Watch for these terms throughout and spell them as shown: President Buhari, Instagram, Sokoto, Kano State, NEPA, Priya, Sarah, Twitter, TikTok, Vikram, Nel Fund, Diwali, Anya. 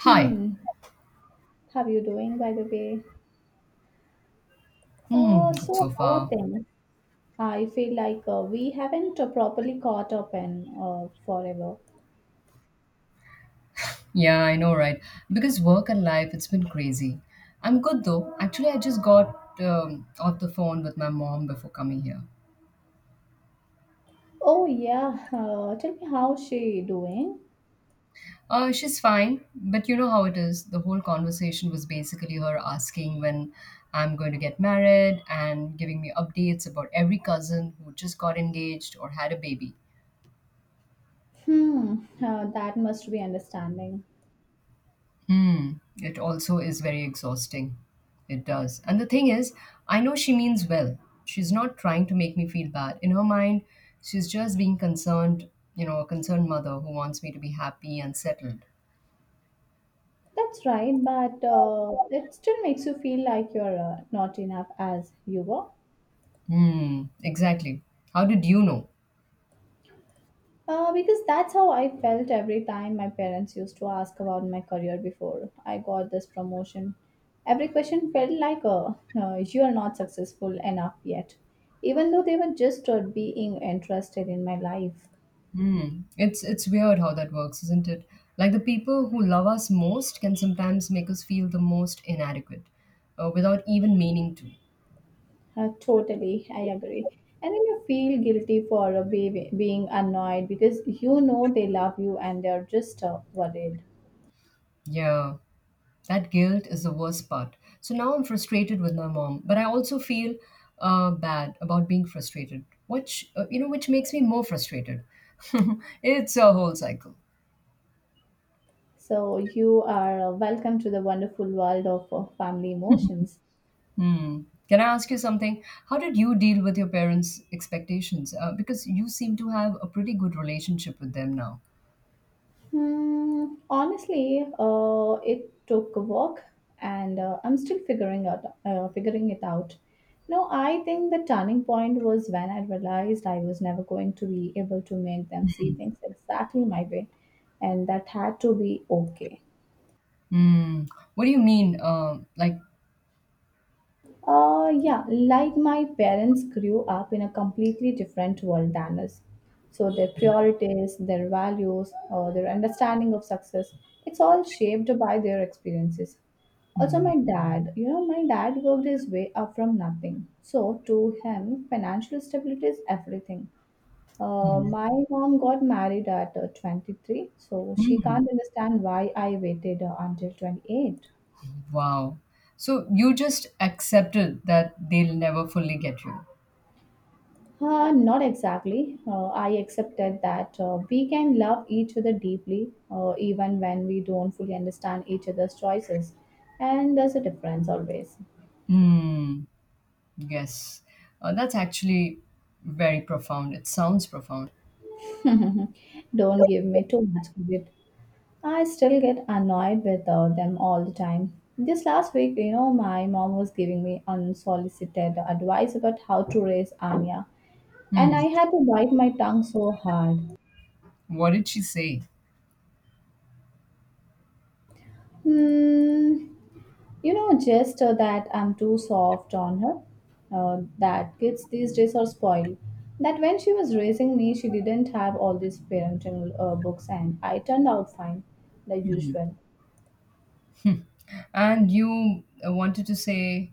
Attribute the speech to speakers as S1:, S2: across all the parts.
S1: Hi.
S2: Hmm. How you doing, by the way?
S1: Hmm,
S2: Uh,
S1: good
S2: so
S1: so
S2: how are
S1: far.
S2: things? I feel like we haven't properly caught up in forever.
S1: Yeah, I know, right? Because work and life, it's been crazy. I'm good though. Actually, I just got off the phone with my mom before coming here.
S2: Oh yeah. Tell me how she doing?
S1: She's fine, but you know how it is. The whole conversation was basically her asking when I'm going to get married and giving me updates about every cousin who just got engaged or had a baby.
S2: Hmm. That must be understanding.
S1: Hmm. It also is very exhausting. It does. And the thing is, I know she means well. She's not trying to make me feel bad. In her mind, she's just being concerned, you know, a concerned mother who wants me to be happy and settled.
S2: That's right, but it still makes you feel like you're not enough as you were.
S1: Hmm. Exactly. How did you know?
S2: Because that's how I felt every time my parents used to ask about my career before I got this promotion. Every question felt like, a no, you are not successful enough yet, even though they were just being interested in my life.
S1: Hmm. It's weird how that works, isn't it? Like the people who love us most can sometimes make us feel the most inadequate, without even meaning to.
S2: Totally, I agree. And then you feel guilty for being annoyed because you know they love you and they're just worried.
S1: Yeah. That guilt is the worst part. So now I'm frustrated with my mom, but I also feel bad about being frustrated, which you know, which makes me more frustrated. It's a whole cycle.
S2: So, you are welcome to the wonderful world of family emotions.
S1: Hmm. Can I ask you something? How did you deal with your parents' expectations? Because you seem to have a pretty good relationship with them now.
S2: Hmm, honestly, it took work, and I'm still figuring it out. No, I think the turning point was when I realized I was never going to be able to make them see things exactly my way, and that had to be okay.
S1: Hmm. What do you mean?
S2: Yeah, like my parents grew up in a completely different world than us. So their priorities, their values, their understanding of success, it's all shaped by their experiences. Also,
S1: Hmm,
S2: my dad, you know, my dad worked his way up from nothing. So to him, financial stability is everything.
S1: hmm,
S2: My mom got married at 23, so she
S1: hmm.
S2: can't understand why I waited until 28.
S1: Wow. So you just accepted that they'll never fully get you.
S2: Not exactly. I accepted that we can love each other deeply even when we don't fully understand each other's choices. And there's a difference always.
S1: Hmm. Yes, that's actually very profound. It sounds profound.
S2: Don't give me too much credit. I still get annoyed with them all the time. This last week, you know, my mom was giving me unsolicited advice about how to raise Anya. And
S1: Hmm.
S2: I had to bite my tongue so hard.
S1: What did she say?
S2: Hmm. You know, just that I'm too soft on her. That kids these days are spoiled. That when she was raising me, she didn't have all these parenting books, and I turned out fine, the usual.
S1: And you wanted to say,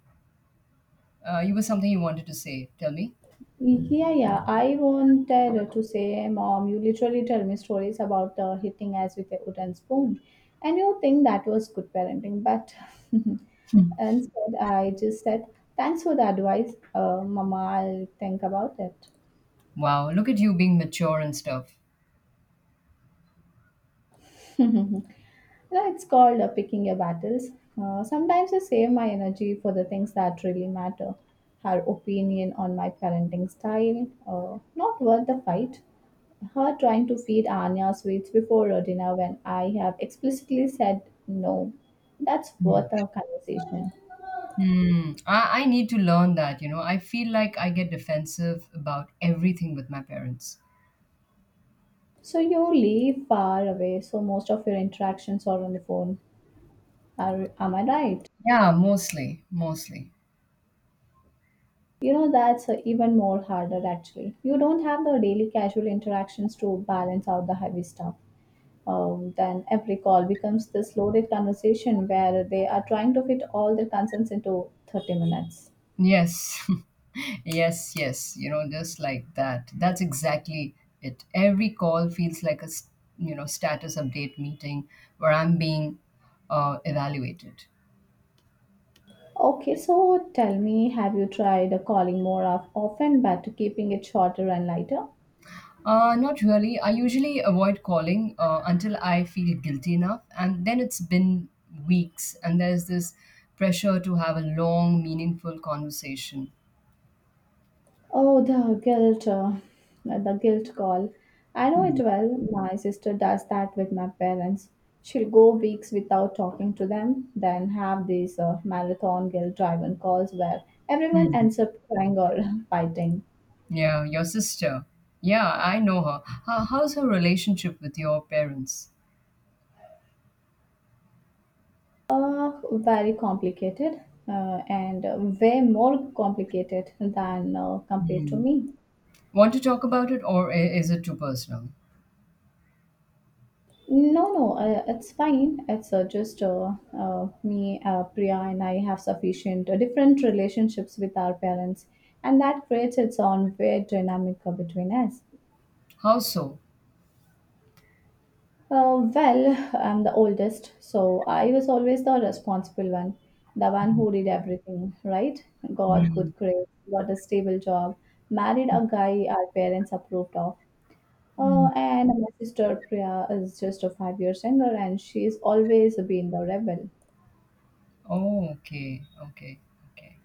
S1: you were something you wanted to say. Tell me.
S2: Yeah, yeah. I wanted to say, Mom, you literally tell me stories about hitting us with a wooden spoon, and you think that was good parenting, but instead, I just said, Thanks for the advice, Mama. I'll think about it.
S1: Wow, look at you being mature and stuff.
S2: No, it's called picking your battles. Sometimes I save my energy for the things that really matter. Her opinion on my parenting style, not worth the fight. Her trying to feed Anya sweets before dinner when I have explicitly said no. That's
S1: Hmm.
S2: worth a conversation.
S1: Hmm. I need to learn that, you know. I feel like I get defensive about everything with my parents.
S2: So you live far away, so most of your interactions are on the phone. Am I right?
S1: Yeah, mostly, mostly.
S2: You know, that's even more harder actually. You don't have the daily casual interactions to balance out the heavy stuff. Then every call becomes this loaded conversation where they are trying to fit all their concerns into 30 minutes.
S1: Yes, yes, yes. You know, just like that. That's exactly it. Every call feels like you know status update meeting where I'm being evaluated.
S2: Okay, so tell me, have you tried calling more of often but keeping it shorter and lighter?
S1: Not really. I usually avoid calling until I feel guilty enough, and then it's been weeks, and there's this pressure to have a long, meaningful conversation.
S2: Oh, the guilt call. I know it
S1: Hmm.
S2: well. My sister does that with my parents. She'll go weeks without talking to them, then have these marathon guilt driven calls where everyone
S1: Hmm.
S2: ends up crying or fighting.
S1: Yeah, your sister. Yeah, I know her. How's her relationship with your parents?
S2: Very complicated and way more complicated than compared to
S1: Mm.
S2: me.
S1: Want to talk about it, or is it too personal?
S2: No, no, it's fine. It's just me, Priya, and I have sufficient different relationships with our parents, and that creates its own weird dynamic between us.
S1: How so?
S2: Well, I'm the oldest, so I was always the responsible one, the one who did everything, right? Got
S1: Mm.
S2: good grades, got a stable job, married a guy our parents approved of.
S1: Mm.
S2: And my sister Priya is just 5 years younger, and she's always been the rebel.
S1: Oh, okay, okay, okay.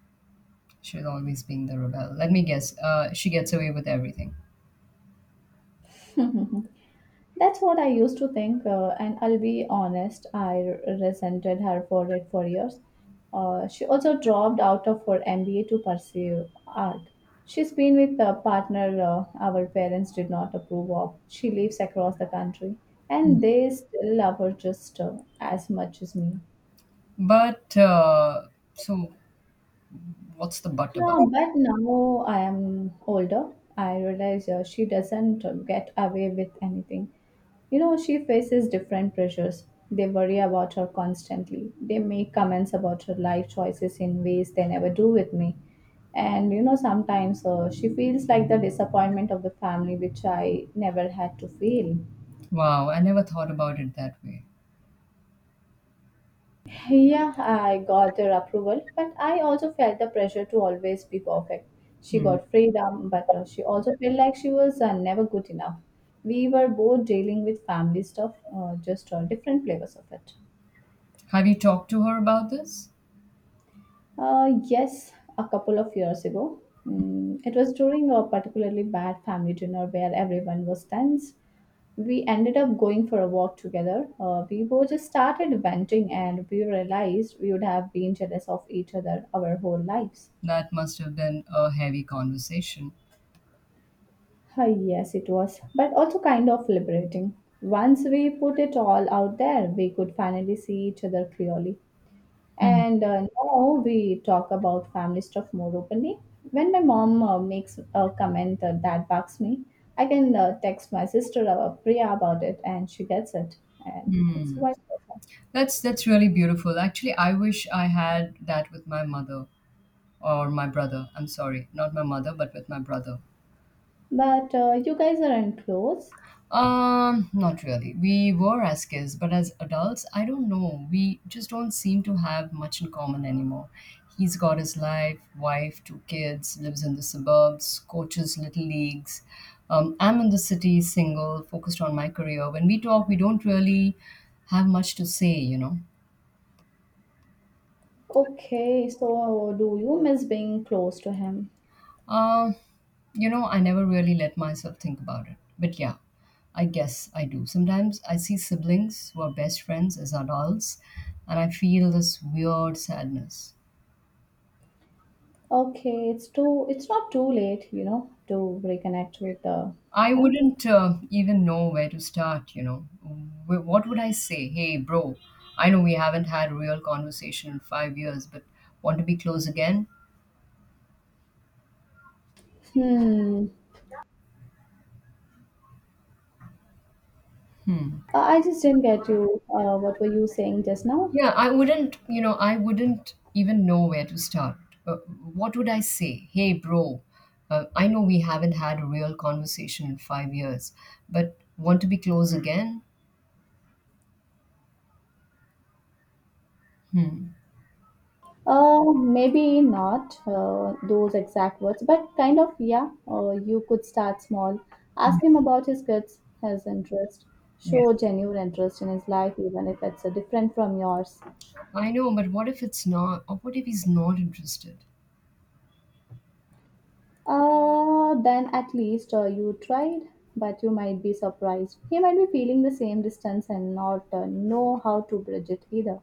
S1: She's always being the rebel. Let me guess. She gets away with everything.
S2: That's what I used to think, and I'll be honest, I resented her for it for years. She also dropped out of her MBA to pursue art. She's been with a partner our parents did not approve of. She lives across the country, and they still love her just as much as me.
S1: But uh, so, what's the but about?
S2: No, but now I am older. I realize she doesn't get away with anything. You know, she faces different pressures. They worry about her constantly. They make comments about her life choices in ways they never do with me. And you know, sometimes she feels like the disappointment of the family, which I never had to feel.
S1: Wow, I never thought about it that way.
S2: Yeah, I got her approval, but I also felt the pressure to always be perfect. She
S1: Mm.
S2: got freedom, but she also felt like she was never good enough. We were both dealing with family stuff, just different flavors of it.
S1: Have you talked to her about this?
S2: Yes, a couple of years ago. Mm, it was during a particularly bad family dinner where everyone was tense. We ended up going for a walk together. We both just started venting and we realized we would have been jealous of each other our whole lives.
S1: That must have been a heavy conversation.
S2: Ah, yes, it was, but also kind of liberating. Once we put it all out there, we could finally see each other clearly. And now we talk about family stuff more openly. When my mom makes a comment that bugs me, I can text my sister Priya about it, and she gets it, and it's
S1: Hmm.
S2: vice versa.
S1: That's really beautiful. Actually, I wish I had that with my mother. Or my brother. I'm sorry, not my mother, but with my brother.
S2: But you guys aren't close.
S1: Not really. We were as kids, but as adults, I don't know. We just don't seem to have much in common anymore. He's got his life, wife, two kids, lives in the suburbs, coaches little leagues. I'm in the city, single, focused on my career. When we talk, we don't really have much to say, you know.
S2: Okay, so do you miss being close to him?
S1: Um, you know, I never really let myself think about it. But yeah, I guess I do. Sometimes I see siblings who are best friends as adults, and I feel this weird sadness.
S2: Okay, it's too it's not too late, you know, to reconnect with
S1: I
S2: them.
S1: wouldn't even know where to start, you know. What would I say? Hey, bro, I know we haven't had a real conversation in 5 years, but want to be close again?
S2: Hmm. I just didn't get you. What were you saying just now?
S1: Yeah, I wouldn't even know where to start. Uh, what would I say? Hey, bro, I know we haven't had a real conversation in 5 years, but want to be close again? Hmm.
S2: Maybe not those exact words, but kind of, yeah. You could start small.
S1: Yeah.
S2: Ask him about his kids, his interest.
S1: Yeah.
S2: Show genuine interest in his life, even if it's different from yours.
S1: I know, but what if it's not, or what if he's not interested?
S2: Then at least you tried, but you might be surprised. He might be feeling the same distance and not know how to bridge it either.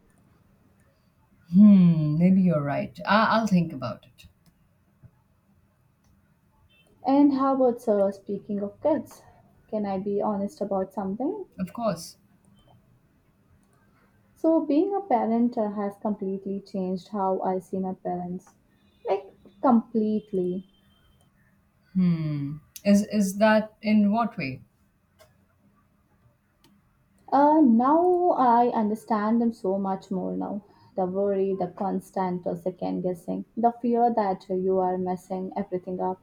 S1: Hmm, maybe you're right. I'll think about it.
S2: And how about speaking of kids? Can I be honest about something?
S1: Of course.
S2: So, being a parent has completely changed how I see my parents. Like, completely.
S1: Hmm. Is that in what way?
S2: Now I understand them so much more now. The worry, the constant second guessing, the fear that you are messing everything up.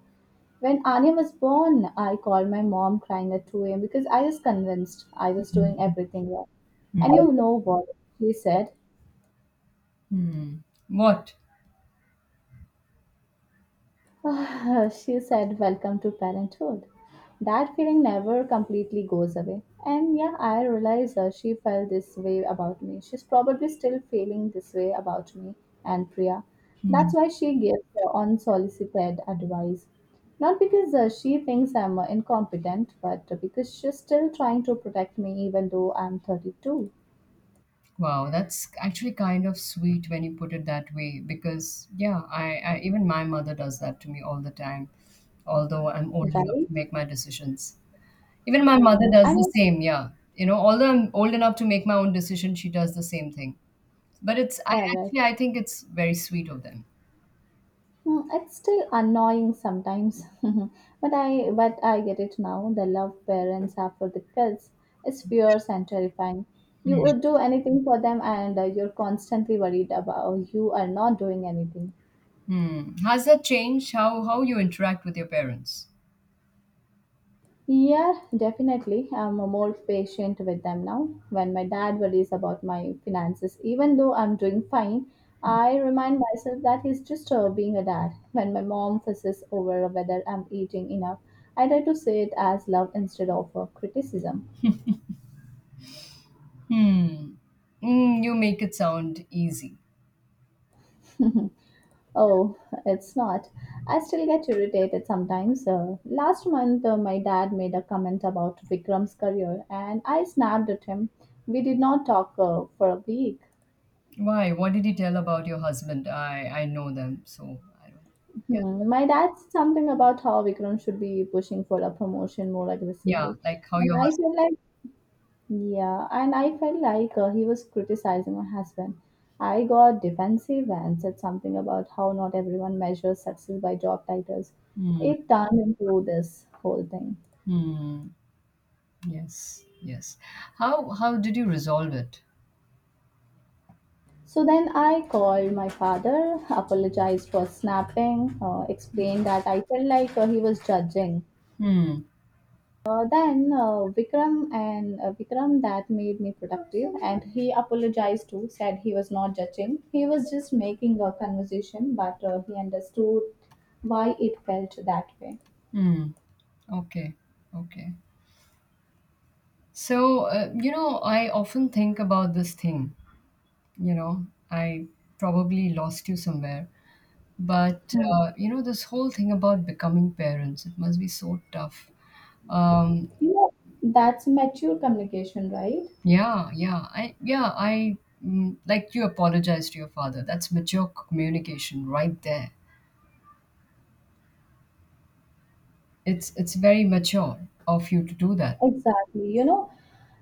S2: When Anya was born, I called my mom crying at 2 a.m. because I was convinced I was doing everything wrong.
S1: Hmm.
S2: And you know what? She said,
S1: Hmm. What?
S2: "Ah," she said, Welcome to parenthood. That feeling never completely goes away. And yeah, I realize she felt this way about me. She's probably still feeling this way about me and Priya. That's why she gives unsolicited advice. Not because she thinks I'm incompetent, but because she's still trying to protect me even though I'm 32,
S1: Wow, that's actually kind of sweet when you put it that way, because yeah, I even my mother does that to me all the time, although I'm old enough
S2: right?
S1: to make my decisions. Even my mother
S2: Hmm.
S1: does
S2: I
S1: the
S2: mean,
S1: same, yeah. You know, although I'm old enough to make my own decision, she does the same thing. But it's I
S2: correct.
S1: actually I think it's very sweet of them.
S2: Mm, it's still annoying sometimes, but I get it now. The love parents have for the kids is fierce and terrifying. You would do anything for them, and you're constantly worried about you are not doing anything.
S1: Hmm. Has that changed how you interact with your parents?
S2: Yeah, definitely. I'm a more patient with them now. When my dad worries about my finances, even though I'm doing fine, I remind myself that he's just being a dad. When my mom fusses over whether I'm eating enough, I try to say it as love instead of criticism.
S1: Hmm. Mm, you make it sound easy.
S2: Oh, it's not. I still get irritated sometimes. Last month, my dad made a comment about Vikram's career, and I snapped at him. We did not talk for a week.
S1: Why? What did he tell about your husband? I know them, so I don't. Yeah,
S2: Hmm, my dad said something about how Vikram should be pushing for a promotion more
S1: yeah,
S2: aggressively,
S1: like how
S2: and
S1: your
S2: I
S1: husband.
S2: felt like he was criticizing my husband. I got defensive and said something about how not everyone measures success by job titles.
S1: Hmm.
S2: It turned into this whole thing.
S1: Hmm. Yes. Yes. How did you resolve it?
S2: So then I called my father, apologized for snapping, explained that I felt like he was judging
S1: Hmm.
S2: Then Vikram and Vikram that made me productive, and he apologized too. Said he was not judging; he was just making a conversation, but he understood why it felt that way.
S1: Hmm. Okay. Okay. So you know, I often think about this thing. You know, I probably lost you somewhere, but
S2: Hmm.
S1: you know, this whole thing about becoming parents, it must be so tough. Um,
S2: You know, that's mature communication, right?
S1: Yeah, yeah. Like, you apologize to your father. That's mature communication right there. It's very mature of you to do that.
S2: Exactly. You know,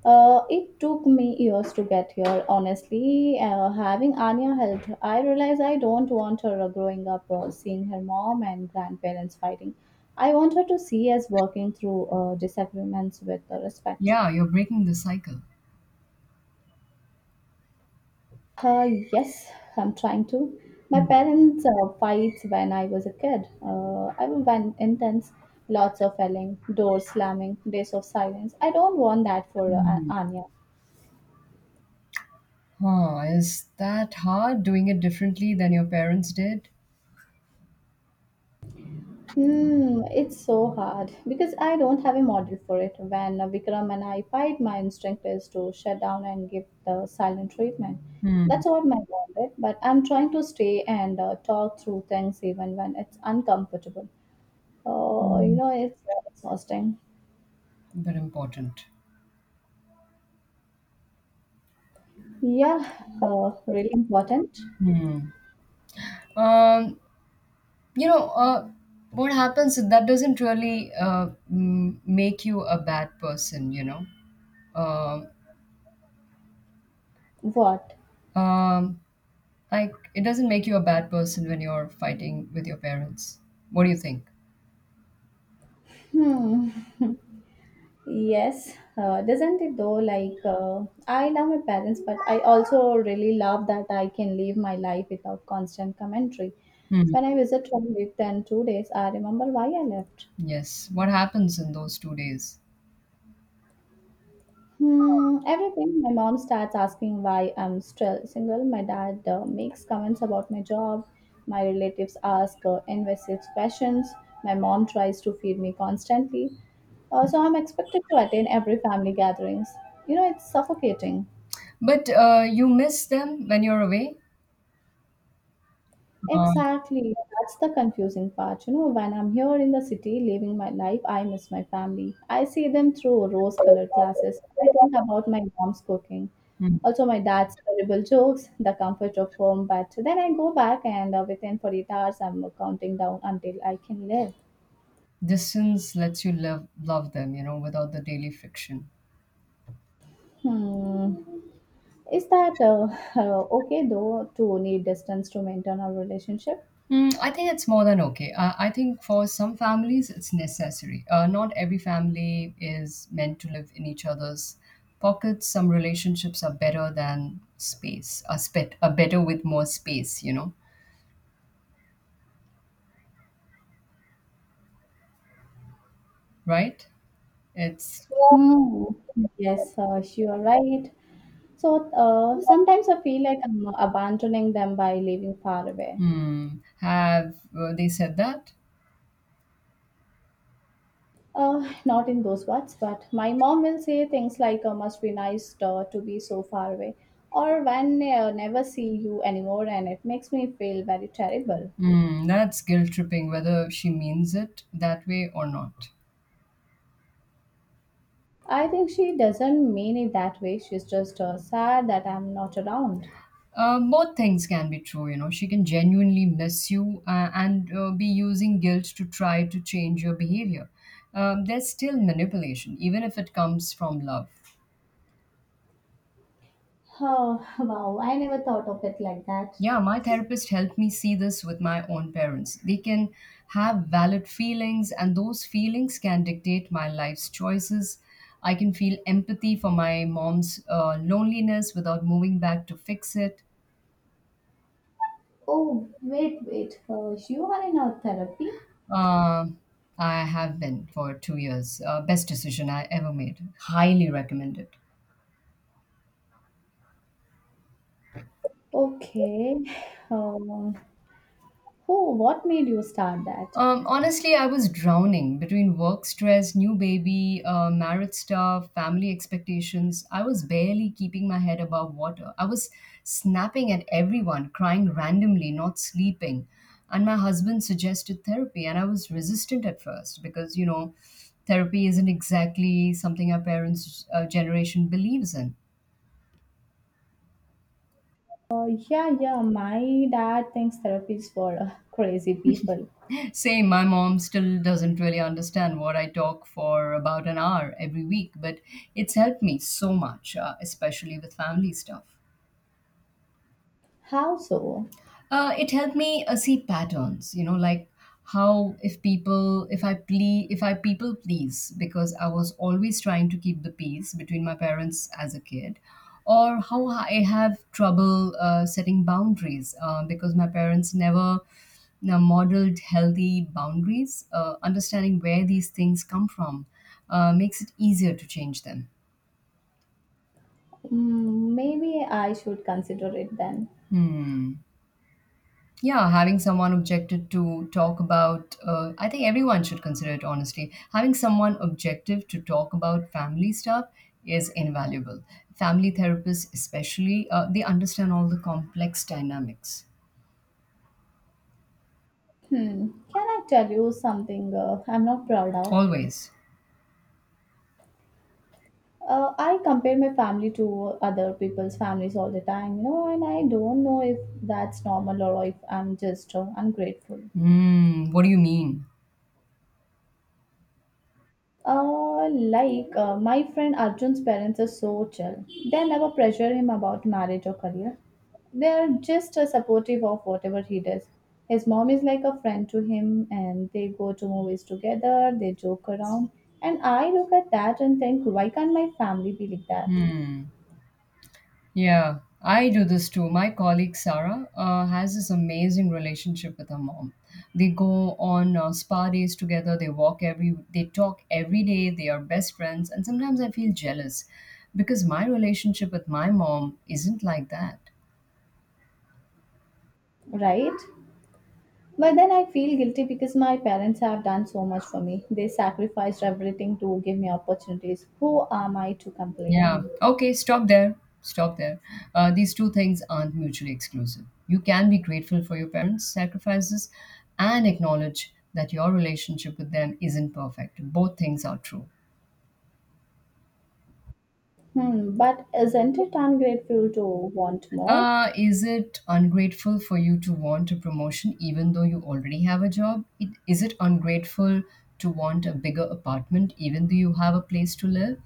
S2: it took me years to get here, honestly. Having Anya helped, I realized I don't want her growing up seeing her mom and grandparents fighting. I want her to see us working through disagreements with respect.
S1: Yeah, you're breaking the cycle.
S2: Yes, I'm trying to. My parents fights when I was a kid. I was when intense, lots of yelling, doors slamming, days of silence. I don't want that for
S1: Mm-hmm.
S2: Anya.
S1: Huh, is that hard doing it differently than your parents did?
S2: It's so hard because I don't have a model for it. When Vikram and I fight, my instinct is to shut down and give the silent treatment.
S1: Hmm.
S2: That's what my bond is, but I'm trying to stay and talk through things even when it's uncomfortable. It's exhausting.
S1: But important.
S2: Yeah, really important.
S1: Hmm. Um, you know, uh, what happens is that doesn't really make you a bad person, you know. Um,
S2: What?
S1: um, Like, it doesn't make you a bad person when you're fighting with your parents. What do you think?
S2: Hmm. Yes, doesn't it though? Like, I love my parents, but I also really love that I can live my life without constant commentary.
S1: Hmm.
S2: When I visit one week and 2 days, I remember why I left.
S1: Yes. What happens in those 2 days?
S2: Everything. My mom starts asking why I'm still single. My dad makes comments about my job. My relatives ask invasive questions. My mom tries to feed me constantly. So I'm expected to attend every family gatherings. It's suffocating.
S1: But you miss them when you're away. Uh,
S2: Exactly. That's the confusing part. When I'm here in the city living my life, I miss my family. I see them through rose colored glasses. I think about my mom's cooking.
S1: hmm.
S2: Also, my dad's terrible jokes, the comfort of home. But then I go back, and within 48 hours, I'm counting down until I can live.
S1: Distance lets you love them, you know, without the daily friction.
S2: Hmm. Is that okay, though, to need distance to maintain our relationship?
S1: Mm, I think it's more than okay. I think for some families it's necessary. Not every family is meant to live in each other's pockets. Some relationships are better than space. Are better with more space. You know, right? It's
S2: Hmm. Yes, you are right. So sometimes I feel like I'm abandoning them by living far away.
S1: Hmm. Have they said that?
S2: Not in those words, but my mom will say things like, must be nice to be so far away, or when never see you anymore, and it makes me feel very terrible.
S1: Hmm. That's guilt tripping, whether she means it that way or not.
S2: I think she doesn't mean it that way, she's just sad that I'm not around.
S1: Both things can be true, you know. She can genuinely miss you and be using guilt to try to change your behavior. There's still manipulation, even if it comes from love.
S2: Oh, wow, I never thought of it like that.
S1: Yeah, my therapist helped me see this with my own parents. They can have valid feelings, and those feelings can dictate my life's choices. I can feel empathy for my mom's loneliness without moving back to fix it.
S2: Oh, wait, wait, you are in our therapy?
S1: Uh, I have been for 2 years. Best decision I ever made. Highly recommend it.
S2: Okay. Um, Oh, what made you start that?
S1: Honestly, I was drowning between work stress, new baby, marriage stuff, family expectations. I was barely keeping my head above water. I was snapping at everyone, crying randomly, not sleeping. And my husband suggested therapy, and I was resistant at first because, you know, therapy isn't exactly something our parents' generation believes in.
S2: Yeah, yeah, my dad thinks therapy is for crazy people.
S1: Same, my mom still doesn't really understand what I talk for about an hour every week, but it's helped me so much, especially with family stuff.
S2: How so?
S1: It helped me see patterns, you know, like how if I people please, because I was always trying to keep the peace between my parents as a kid, or how I have trouble setting boundaries because my parents never modeled healthy boundaries. Understanding where these things come from makes it easier to change them.
S2: Maybe I should consider it then.
S1: Hmm. Yeah, having someone objected to talk about, I think everyone should consider it honestly. Having someone objective to talk about family stuff is invaluable. Family therapists, especially, they understand all the complex dynamics.
S2: Can I tell you something I'm not proud of?
S1: Always.
S2: I compare my family to other people's families all the time, and I don't know if that's normal or if I'm just ungrateful.
S1: Hmm. What do you mean?
S2: Like my friend Arjun's parents are so chill. They never pressure him about marriage or career. They are just supportive of whatever he does. His mom is like a friend to him, and they go to movies together. They joke around, and I look at that and think, why can't my family be like that,
S1: Hmm. Yeah, I do this too. My colleague Sarah has this amazing relationship with her mom. They go on spa days together. They walk every. They talk every day. They are best friends. And sometimes I feel jealous because my relationship with my mom isn't like that.
S2: right? But then I feel guilty because my parents have done so much for me. They sacrificed everything to give me opportunities. Who am I to
S1: Yeah.
S2: complain?
S1: Okay. Stop there. Stop there. These two things aren't mutually exclusive. You can be grateful for your parents' sacrifices and acknowledge that your relationship with them isn't perfect. Both things are true.
S2: But isn't it ungrateful to want more?
S1: Is it ungrateful for you to want a promotion even though you already have a job? Is it ungrateful to want a bigger apartment even though you have a place to live?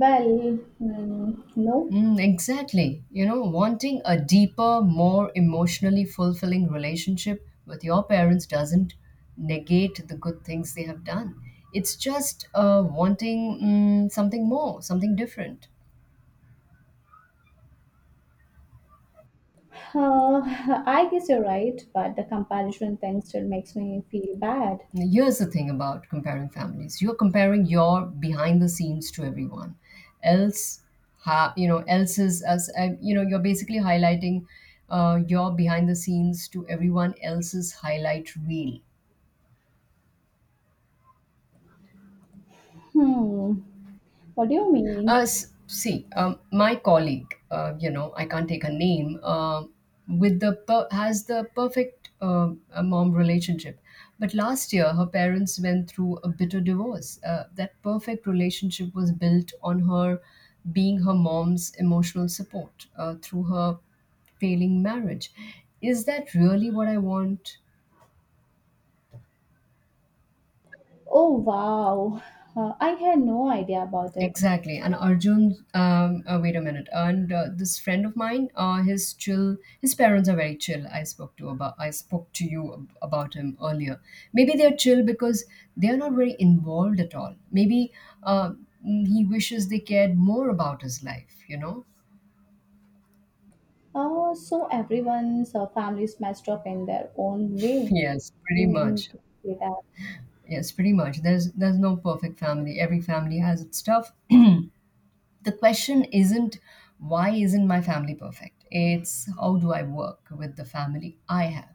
S2: Well, no.
S1: Mm, exactly. You know, wanting a deeper, more emotionally fulfilling relationship with your parents doesn't negate the good things they have done. It's just wanting something more, something different.
S2: Uh, I guess you're right, but the comparison thing still makes me feel bad.
S1: Now, here's the thing about comparing families. You're comparing your behind the scenes to everyone else. Ha, you know, else's as you know, You're basically highlighting your behind the scenes to everyone else's highlight reel.
S2: Hmm, what do you mean?
S1: See, my colleague, I can't take her name, has the perfect mom relationship. But last year, her parents went through a bitter divorce. That perfect relationship was built on her being her mom's emotional support through her failing marriage. Is that really what I want?
S2: Oh, wow. I had no idea about it.
S1: Exactly. And Arjun, wait a minute. And this friend of mine, his parents are very chill. I spoke I spoke to you about him earlier. Maybe they're chill because they're not very involved at all. Maybe uh, he wishes they cared more about his life. You know?
S2: Oh, so everyone's families messed up in their own way.
S1: Yes,
S2: You
S1: pretty
S2: mean
S1: much.
S2: to say that?
S1: Yes, pretty much. There's no perfect family. Every family has its stuff. The question isn't why isn't my family perfect? It's how do I work with the family I have?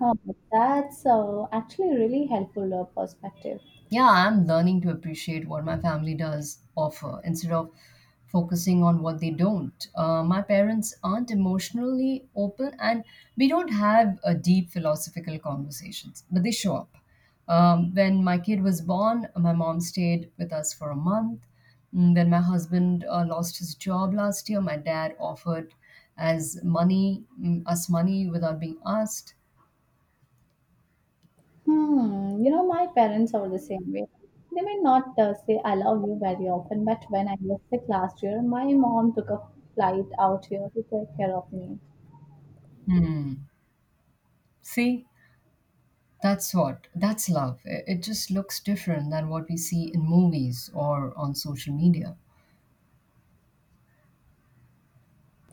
S2: Huh, that's actually really helpful perspective.
S1: Yeah, I'm learning to appreciate what my family does offer instead of focusing on what they don't. My parents aren't emotionally open and we don't have a deep philosophical conversations, but they show up. When my kid was born, my mom stayed with us for a month. Mm, when my husband lost his job last year, my dad offered us money without being asked.
S2: My parents are the same way. They may not say I love you very often, but when I was sick last year, my mom took a flight out here to take care of me.
S1: Hmm. See, that's love. It just looks different than what we see in movies or on social media.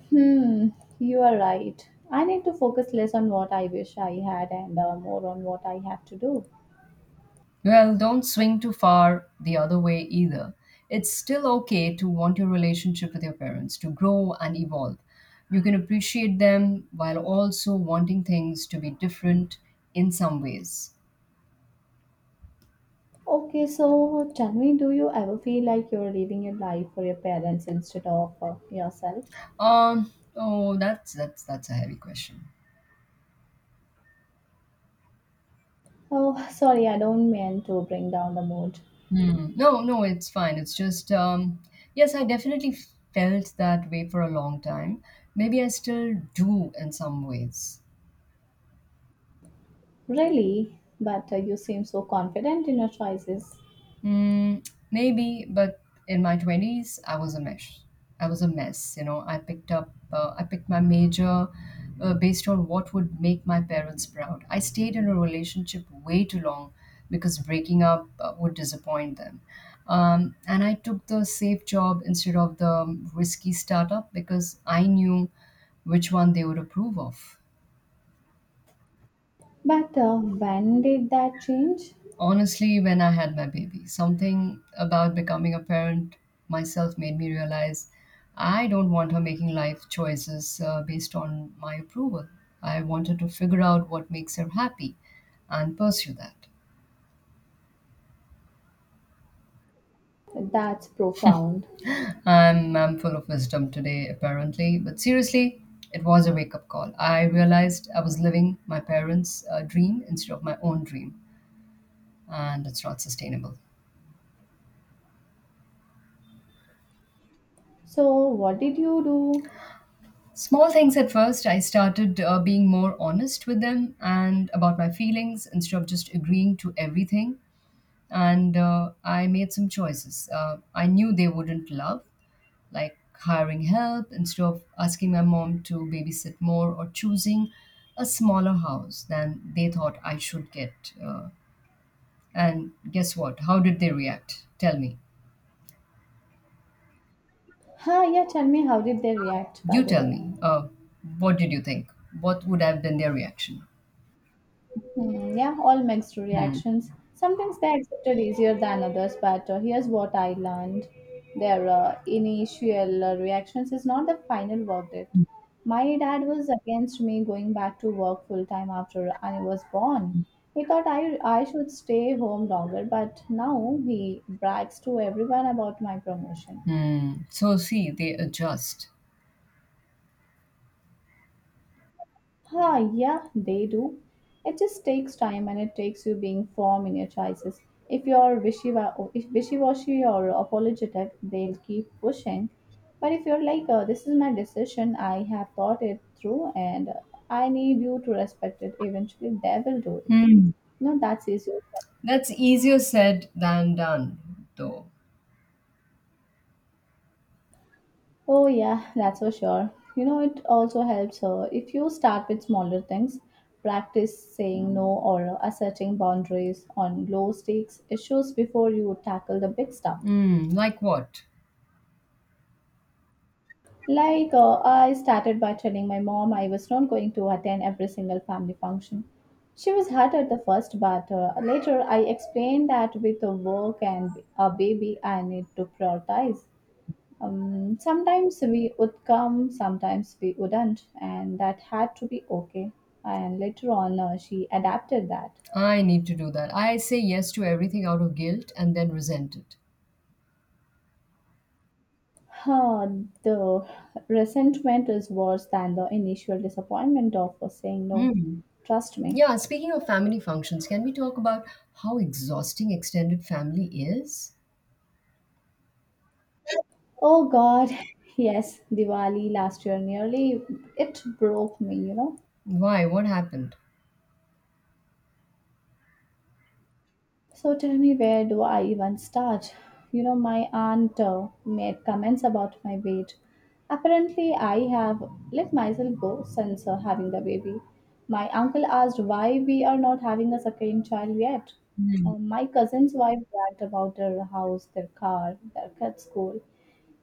S2: Hmm, you are right. I need to focus less on what I wish I had and more on what I have to do.
S1: Well, don't swing too far the other way either. It's still okay to want your relationship with your parents to grow and evolve. You can appreciate them while also wanting things to be different in some ways.
S2: Okay, so tell me, do you ever feel like you're living your life for your parents instead of yourself?
S1: Oh, that's a heavy question.
S2: Oh, sorry, I don't mean to bring down the mood.
S1: Mm. No, no, it's fine. It's just, yes, I definitely felt that way for a long time. Maybe I still do in some ways.
S2: Really? But you seem so confident in your choices.
S1: Mm, maybe, but in my 20s, I was a mess. I was a mess, you know. I I picked my major based on what would make my parents proud. I stayed in a relationship way too long because breaking up would disappoint them. And I took the safe job instead of the risky startup because I knew which one they would approve of.
S2: But when did that change?
S1: Honestly, when I had my baby, something about becoming a parent myself made me realize I don't want her making life choices based on my approval. I wanted to figure out what makes her happy and pursue that.
S2: That's profound.
S1: I'm full of wisdom today, apparently, but seriously, it was a wake up call. I realized I was living my parents' dream instead of my own dream, and it's not sustainable.
S2: So, what did you do?
S1: Small things at first, I started being more honest with them and about my feelings instead of just agreeing to everything. And I made some choices I knew they wouldn't love, like hiring help instead of asking my mom to babysit more or choosing a smaller house than they thought I should get. And guess what? How did they react? Tell me.
S2: Huh, yeah, tell me how did they react, by
S1: You
S2: the
S1: tell
S2: way?
S1: me. What did you think? What would have been their reaction?
S2: Yeah, all mixed
S1: Hmm.
S2: reactions. Sometimes they accepted easier than others, but here's what I learned. Their initial reactions is not the final verdict. My dad was against me going back to work full time after I was born. He thought I should stay home longer, but now he brags to everyone about my promotion.
S1: Hmm. So see, they adjust.
S2: Ah, yeah, they do. It just takes time and it takes you being firm in your choices. If you're wishy if wishy-washy or apologetic, they'll keep pushing. But if you're like, this is my decision, I have thought it through and I need you to respect it, eventually they will do it.
S1: Hmm.
S2: No, that's easier.
S1: That's easier said than done, though.
S2: Oh, yeah, that's for sure. It also helps her if you start with smaller things. Practice saying no or asserting boundaries on low stakes issues before you tackle the big stuff.
S1: Hmm. Like what?
S2: Like, I started by telling my mom I was not going to attend every single family function. She was hurt at the first, but later I explained that with the work and a baby, I need to prioritize. Sometimes we would come, sometimes we wouldn't, and that had to be okay. And later on, she adapted that.
S1: I need to do that. I say yes to everything out of guilt and then resent it.
S2: Huh, the resentment is worse than the initial disappointment of saying no.
S1: Hmm.
S2: Trust me.
S1: Yeah, speaking of family functions, can we talk about how exhausting extended family is?
S2: Oh God, yes, Diwali last year nearly it broke me.
S1: Why? What happened?
S2: So tell me, where do I even start? My aunt made comments about my weight. Apparently, I have let myself go since having the baby. My uncle asked why we are not having a second child yet. My cousin's wife bragged about their house, their car, their kid's school.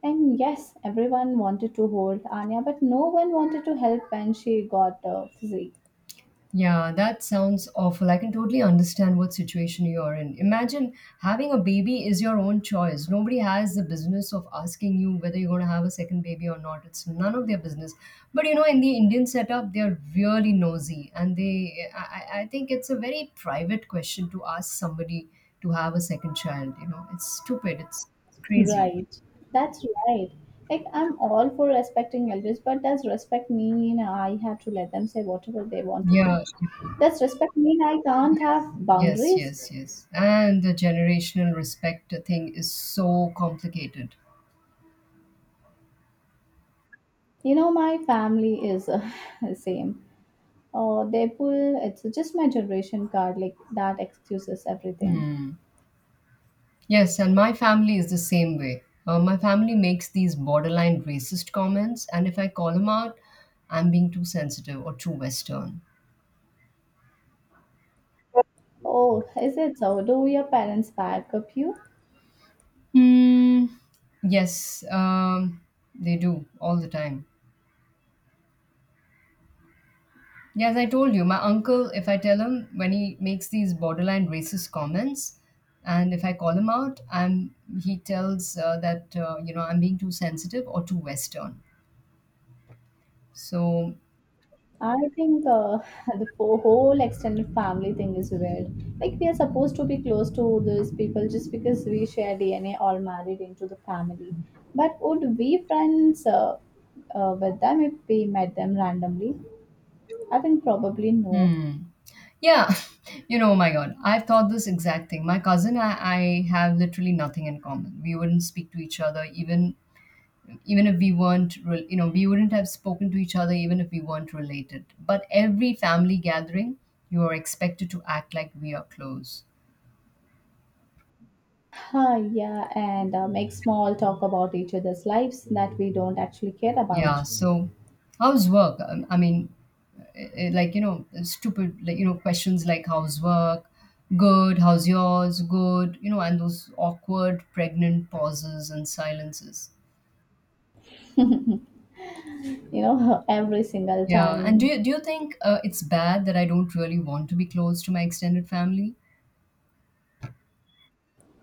S2: And yes, everyone wanted to hold Anya, but no one wanted to help when she got physique.
S1: Yeah, that sounds awful. I can totally understand what situation you're in. Imagine having a baby is your own choice. Nobody has the business of asking you whether you're going to have a second baby or not. It's none of their business. But you know, in the Indian setup, they're really nosy, and they, I think it's a very private question to ask somebody to have a second child. You know, it's stupid. It's crazy.
S2: Right. That's right. Like I'm all for respecting elders, but does respect mean I have to let them say whatever they want to me?
S1: Yeah.
S2: Does respect mean I can't have
S1: Yes, yes,
S2: boundaries?
S1: yes, yes. And the generational respect thing is so complicated.
S2: My family is the same. Oh, they pull. It's just my generation card. Like that excuses everything.
S1: Hmm. Yes, and my family is the same way. My family makes these borderline racist comments, and if I call them out, I'm being too sensitive or too Western.
S2: Oh, is it so? Do your parents back up you?
S1: Hmm. Yes, they do all the time. Yeah, as I told you, my uncle, if I tell him when he makes these borderline racist comments, and if I call him out, I'm he tells that you know I'm being too sensitive or too Western. So,
S2: I think the whole extended family thing is weird. Like, we are supposed to be close to these people just because we share DNA, all married into the family. But would we friends with them if we met them randomly? I think probably no.
S1: hmm. Yeah, you know, oh my God, I've thought this exact thing. My cousin, I have literally nothing in common. We wouldn't speak to each other, even even if we weren't, you know, we wouldn't have spoken to each other even if we weren't related. But every family gathering, you are expected to act like we are close.
S2: Ah, yeah, and make small talk about each other's lives that we don't actually care
S1: Yeah.
S2: about,
S1: So, how's work? I mean, like you know, stupid, like you know, questions like how's work, good, how's yours, good, you know, and those awkward pregnant pauses and silences.
S2: every single
S1: Yeah, and do
S2: time.
S1: you think it's bad that I don't really want to be close to my extended family?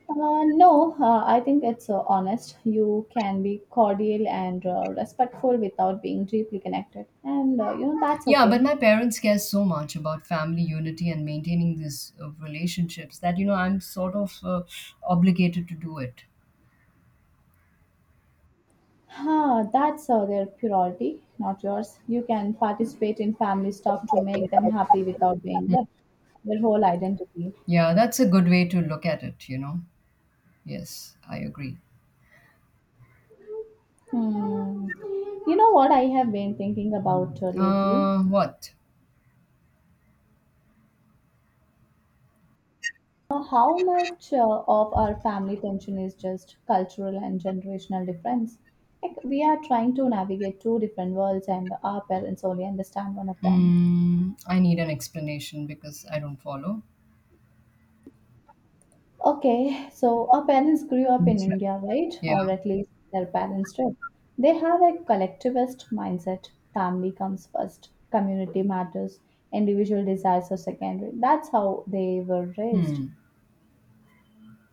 S2: No, I think it's honest. You can be cordial and respectful without being deeply connected. And that's
S1: Yeah,
S2: okay.
S1: but my parents care so much about family unity and maintaining these relationships that you know I'm sort of obligated to do it.
S2: Huh, that's their priority, not yours. You can participate in family stuff to make them happy without being
S1: Mm.
S2: their whole identity.
S1: Yeah, that's a good way to look at it. You know, yes, I agree.
S2: Hmm. You know what I have been thinking about lately?
S1: What?
S2: How much of our family tension is just cultural and generational difference? Like we are trying to navigate two different worlds, and our parents only understand one of them.
S1: Mm, I need an explanation because I don't follow.
S2: Okay, so our parents grew up in
S1: That's right.
S2: India, right?
S1: Yeah.
S2: Or at least their parents did. They have a collectivist mindset. Family comes first, community matters, individual desires are secondary. That's how they were raised.
S1: Hmm.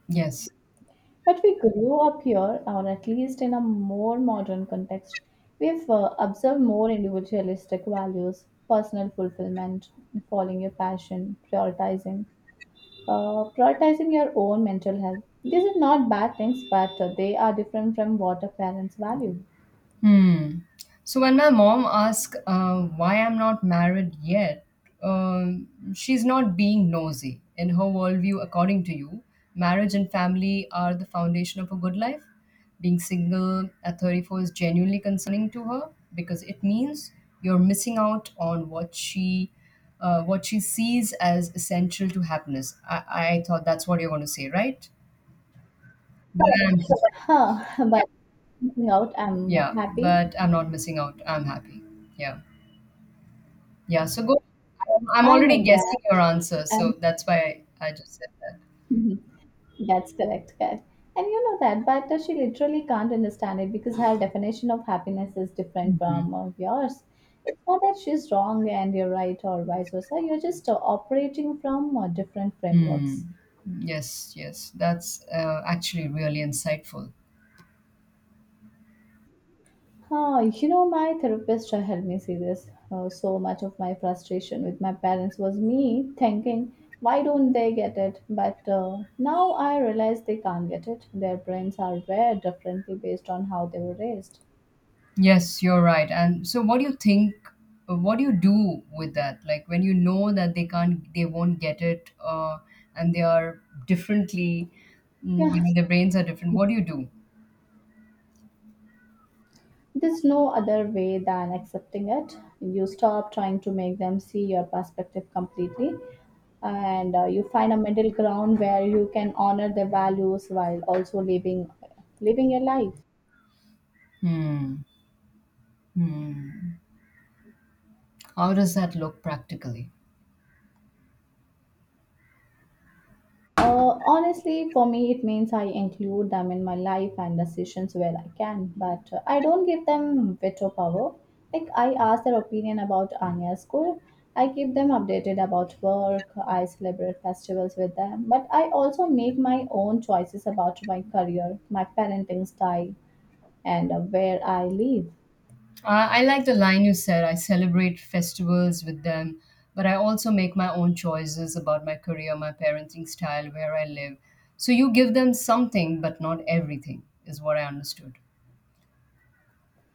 S1: Yes.
S2: But we grew up here, or at least in a more modern context. We've observed more individualistic values, personal fulfillment, following your passion, prioritizing your own mental health. These are not bad things, but they are different from what our parents value.
S1: Hmm. So when my mom asks why I'm not married yet, um, she's not being nosy. In her worldview, according to you, marriage and family are the foundation of a good life. Being single at 34 is genuinely concerning to her because it means you're missing out on what she sees as essential to happiness. I thought that's what you're going to say, right? But I'm,
S2: Huh, but looking out, I'm
S1: yeah,
S2: happy.
S1: but I'm not missing out. I'm happy. Yeah. Yeah, so go. I'm
S2: I know
S1: already
S2: that.
S1: guessing your answer,
S2: And
S1: so that's why I just said that.
S2: that's correct, correct. And you know that, but she literally can't understand it because her definition of happiness is different from yours. It's not that she's wrong and you're right or vice versa. You're just operating from different frameworks.
S1: Hmm. Yes, yes, that's actually really insightful.
S2: Huh? My therapist helped me see this. So much of my frustration with my parents was me thinking, why don't they get it? But now I realize they can't get it. Their brains are wired differently based on how they were raised.
S1: Yes, you're right. And so, what do you think? What do you do with that? Like when you know that they won't get it, and they are differently, mm, you
S2: Yeah,
S1: know, their brains are different. What do you do?
S2: there's no other way than accepting it. You stop trying to make them see your perspective completely, and you find a middle ground where you can honor their values while also living your life.
S1: Hmm. Hmm. How does that look practically?
S2: Honestly, for me, it means I include them in my life and decisions where I can, but I don't give them veto power. Like, I ask their opinion about Anya's school, I keep them updated about work, I celebrate festivals with them, but I also make my own choices about my career, my parenting style, and where I live.
S1: I like the line you said I celebrate festivals with them, but I also make my own choices about my career, my parenting style, where I live. So you give them something, but not everything, is what I understood.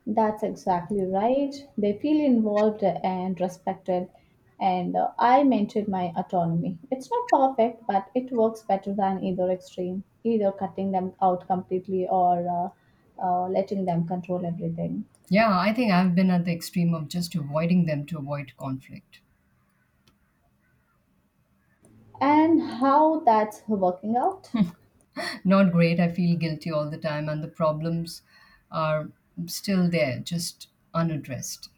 S2: That's exactly right. They feel involved and respected, and I maintain my autonomy. It's not perfect, but it works better than either extreme, either cutting them out completely or letting them control everything.
S1: Yeah, I think I've been at the extreme of just avoiding them to avoid conflict.
S2: And how that's working out?
S1: Not great. I feel guilty all the time, and the problems are still there, just unaddressed.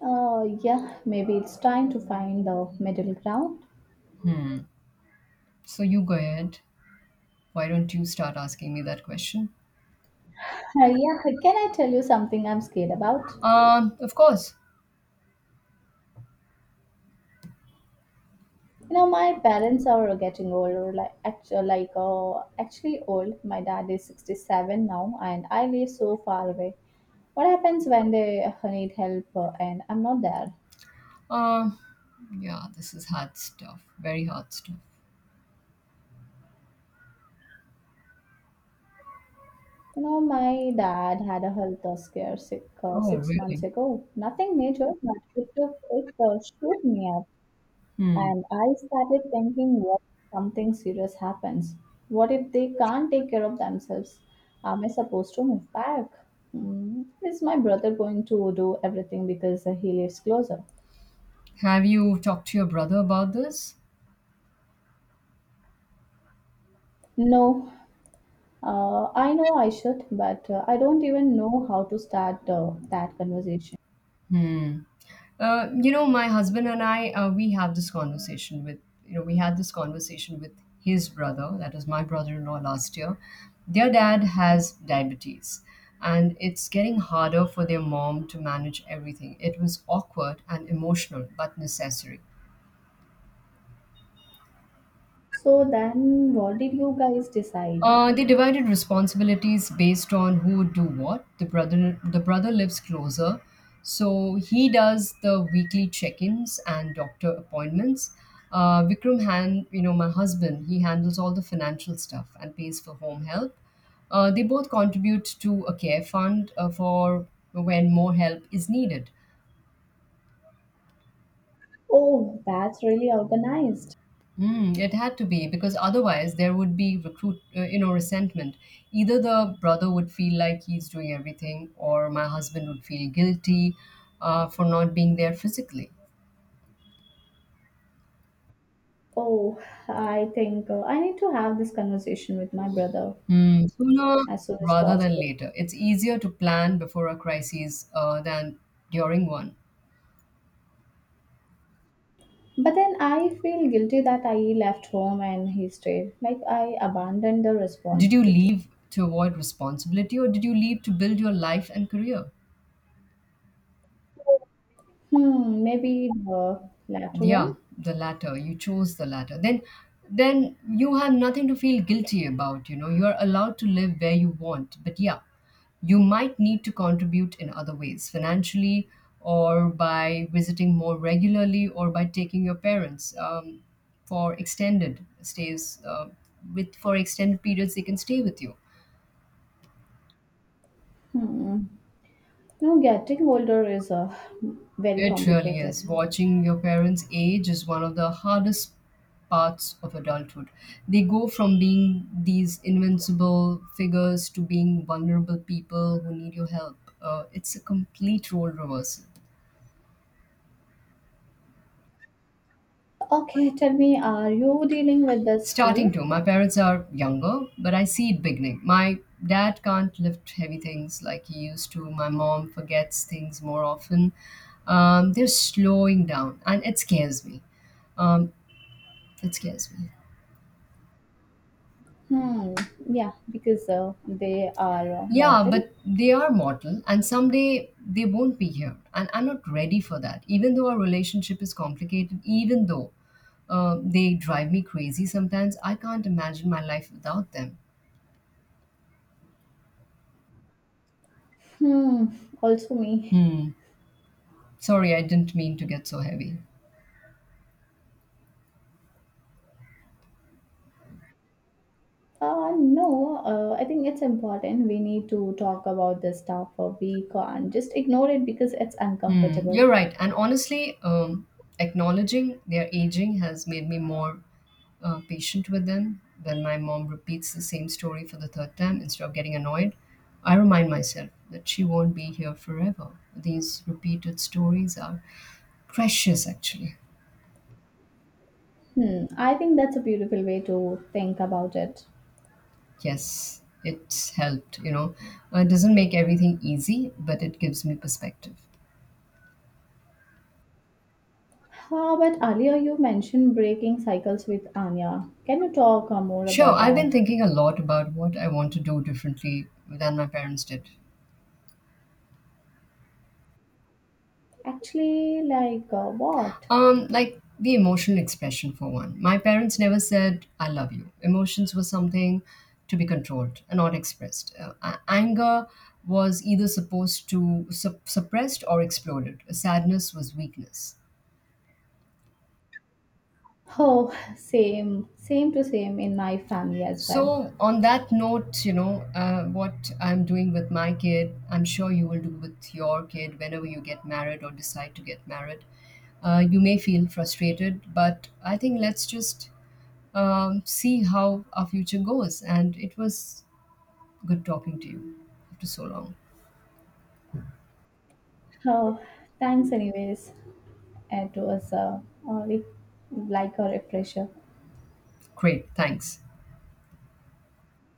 S2: Yeah, maybe it's time to find the middle ground.
S1: So you go ahead. Why don't you start asking me that question?
S2: Yeah, can I tell you something I'm scared about?
S1: Of course.
S2: My parents are getting older, like actually old. My dad is 67 now, and I live so far away. What happens when they need help and I'm not there?
S1: Uh, yeah, this is hard stuff. Very hard stuff.
S2: My dad had a health scare
S1: Oh,
S2: 6 months
S1: really?
S2: ago. Nothing major, but it shook me up.
S1: Hmm.
S2: And I started thinking, what if something serious happens? What if they can't take care of themselves? Am I supposed to move back? Is my brother going to do everything because he lives closer?
S1: Have you talked to your brother about this?
S2: No, I know I should, but I don't even know how to start that conversation.
S1: You know, my husband and I, we have this conversation with, you know, we had this conversation with his brother, that is my brother in law last year. Their dad has diabetes, and it's getting harder for their mom to manage everything. It was awkward and emotional, but necessary.
S2: So then, what did you guys decide?
S1: They divided responsibilities based on who would do what. The brother lives closer, so he does the weekly check-ins and doctor appointments. Vikram hand you know my husband he handles all the financial stuff and pays for home help. They both contribute to a care fund for when more help is needed.
S2: Oh, that's really organized.
S1: Mm, it had to be because otherwise there would be you know, resentment. Either the brother would feel like he's doing everything, or my husband would feel guilty for not being there physically.
S2: Oh, I think I need to have this conversation with my brother
S1: Mm, sooner
S2: as soon as
S1: rather than
S2: possible.
S1: later. It's easier to plan before a crisis than during one.
S2: But then I feel guilty that I left home and he stayed. Like I abandoned the
S1: Did you
S2: responsibility.
S1: leave to avoid responsibility, or did you leave to build your life and career?
S2: Maybe the latter
S1: Yeah,
S2: one.
S1: the latter. You chose the latter. Then you have nothing to feel guilty about, you know. You are allowed to live where you want. But yeah, you might need to contribute in other ways, financially or by visiting more regularly or by taking your parents for extended stays with for extended periods they can stay with you.
S2: Hmm. No, getting older is very
S1: It really is.
S2: complicated.
S1: Watching your parents age is one of the hardest parts of adulthood. They go from being these invincible figures to being vulnerable people who need your help. It's a complete role reversal.
S2: Okay, tell me, are you dealing with this
S1: Starting
S2: too?
S1: to, my parents are younger, but I see it beginning. My dad can't lift heavy things like he used to. My mom forgets things more often. They're slowing down, and it scares me. Um, it scares me.
S2: Hmm. Yeah, because they are
S1: Yeah,
S2: mortal.
S1: but they are mortal and someday they won't be here. And I'm not ready for that. Even though our relationship is complicated, even though they drive me crazy sometimes, I can't imagine my life without them.
S2: Hmm. Also me.
S1: Sorry, I didn't mean to get so heavy.
S2: No, I think it's important. We need to talk about this stuff. We can't just ignore it because it's
S1: Hmm,
S2: uncomfortable.
S1: you're right. And honestly, acknowledging their aging has made me more patient with them. When my mom repeats the same story for the third time, instead of getting annoyed, I remind myself that she won't be here forever. These repeated stories are precious, actually.
S2: I think that's a beautiful way to think about it.
S1: Yes, it's helped, you know. It doesn't make everything easy, but it gives me perspective.
S2: Ah, but earlier you mentioned breaking cycles with Anya. Can you talk more
S1: Sure,
S2: about
S1: I've been
S2: that?
S1: thinking a lot about what I want to do differently than my parents did.
S2: Actually, like what?
S1: Like the emotional expression for one. My parents never said "I love you." Emotions were something to be controlled and not expressed. Anger was either supposed to suppressed or exploded. Sadness was weakness.
S2: Oh, same, same to same in my family as well.
S1: So, on that note, you know what I'm doing with my kid. I'm sure you will do with your kid whenever you get married or decide to get married. You may feel frustrated, but I think let's just see how our future goes. And it was good talking to you after so long.
S2: Oh, thanks anyways. It was uh, like, like a refresher.
S1: Great, thanks.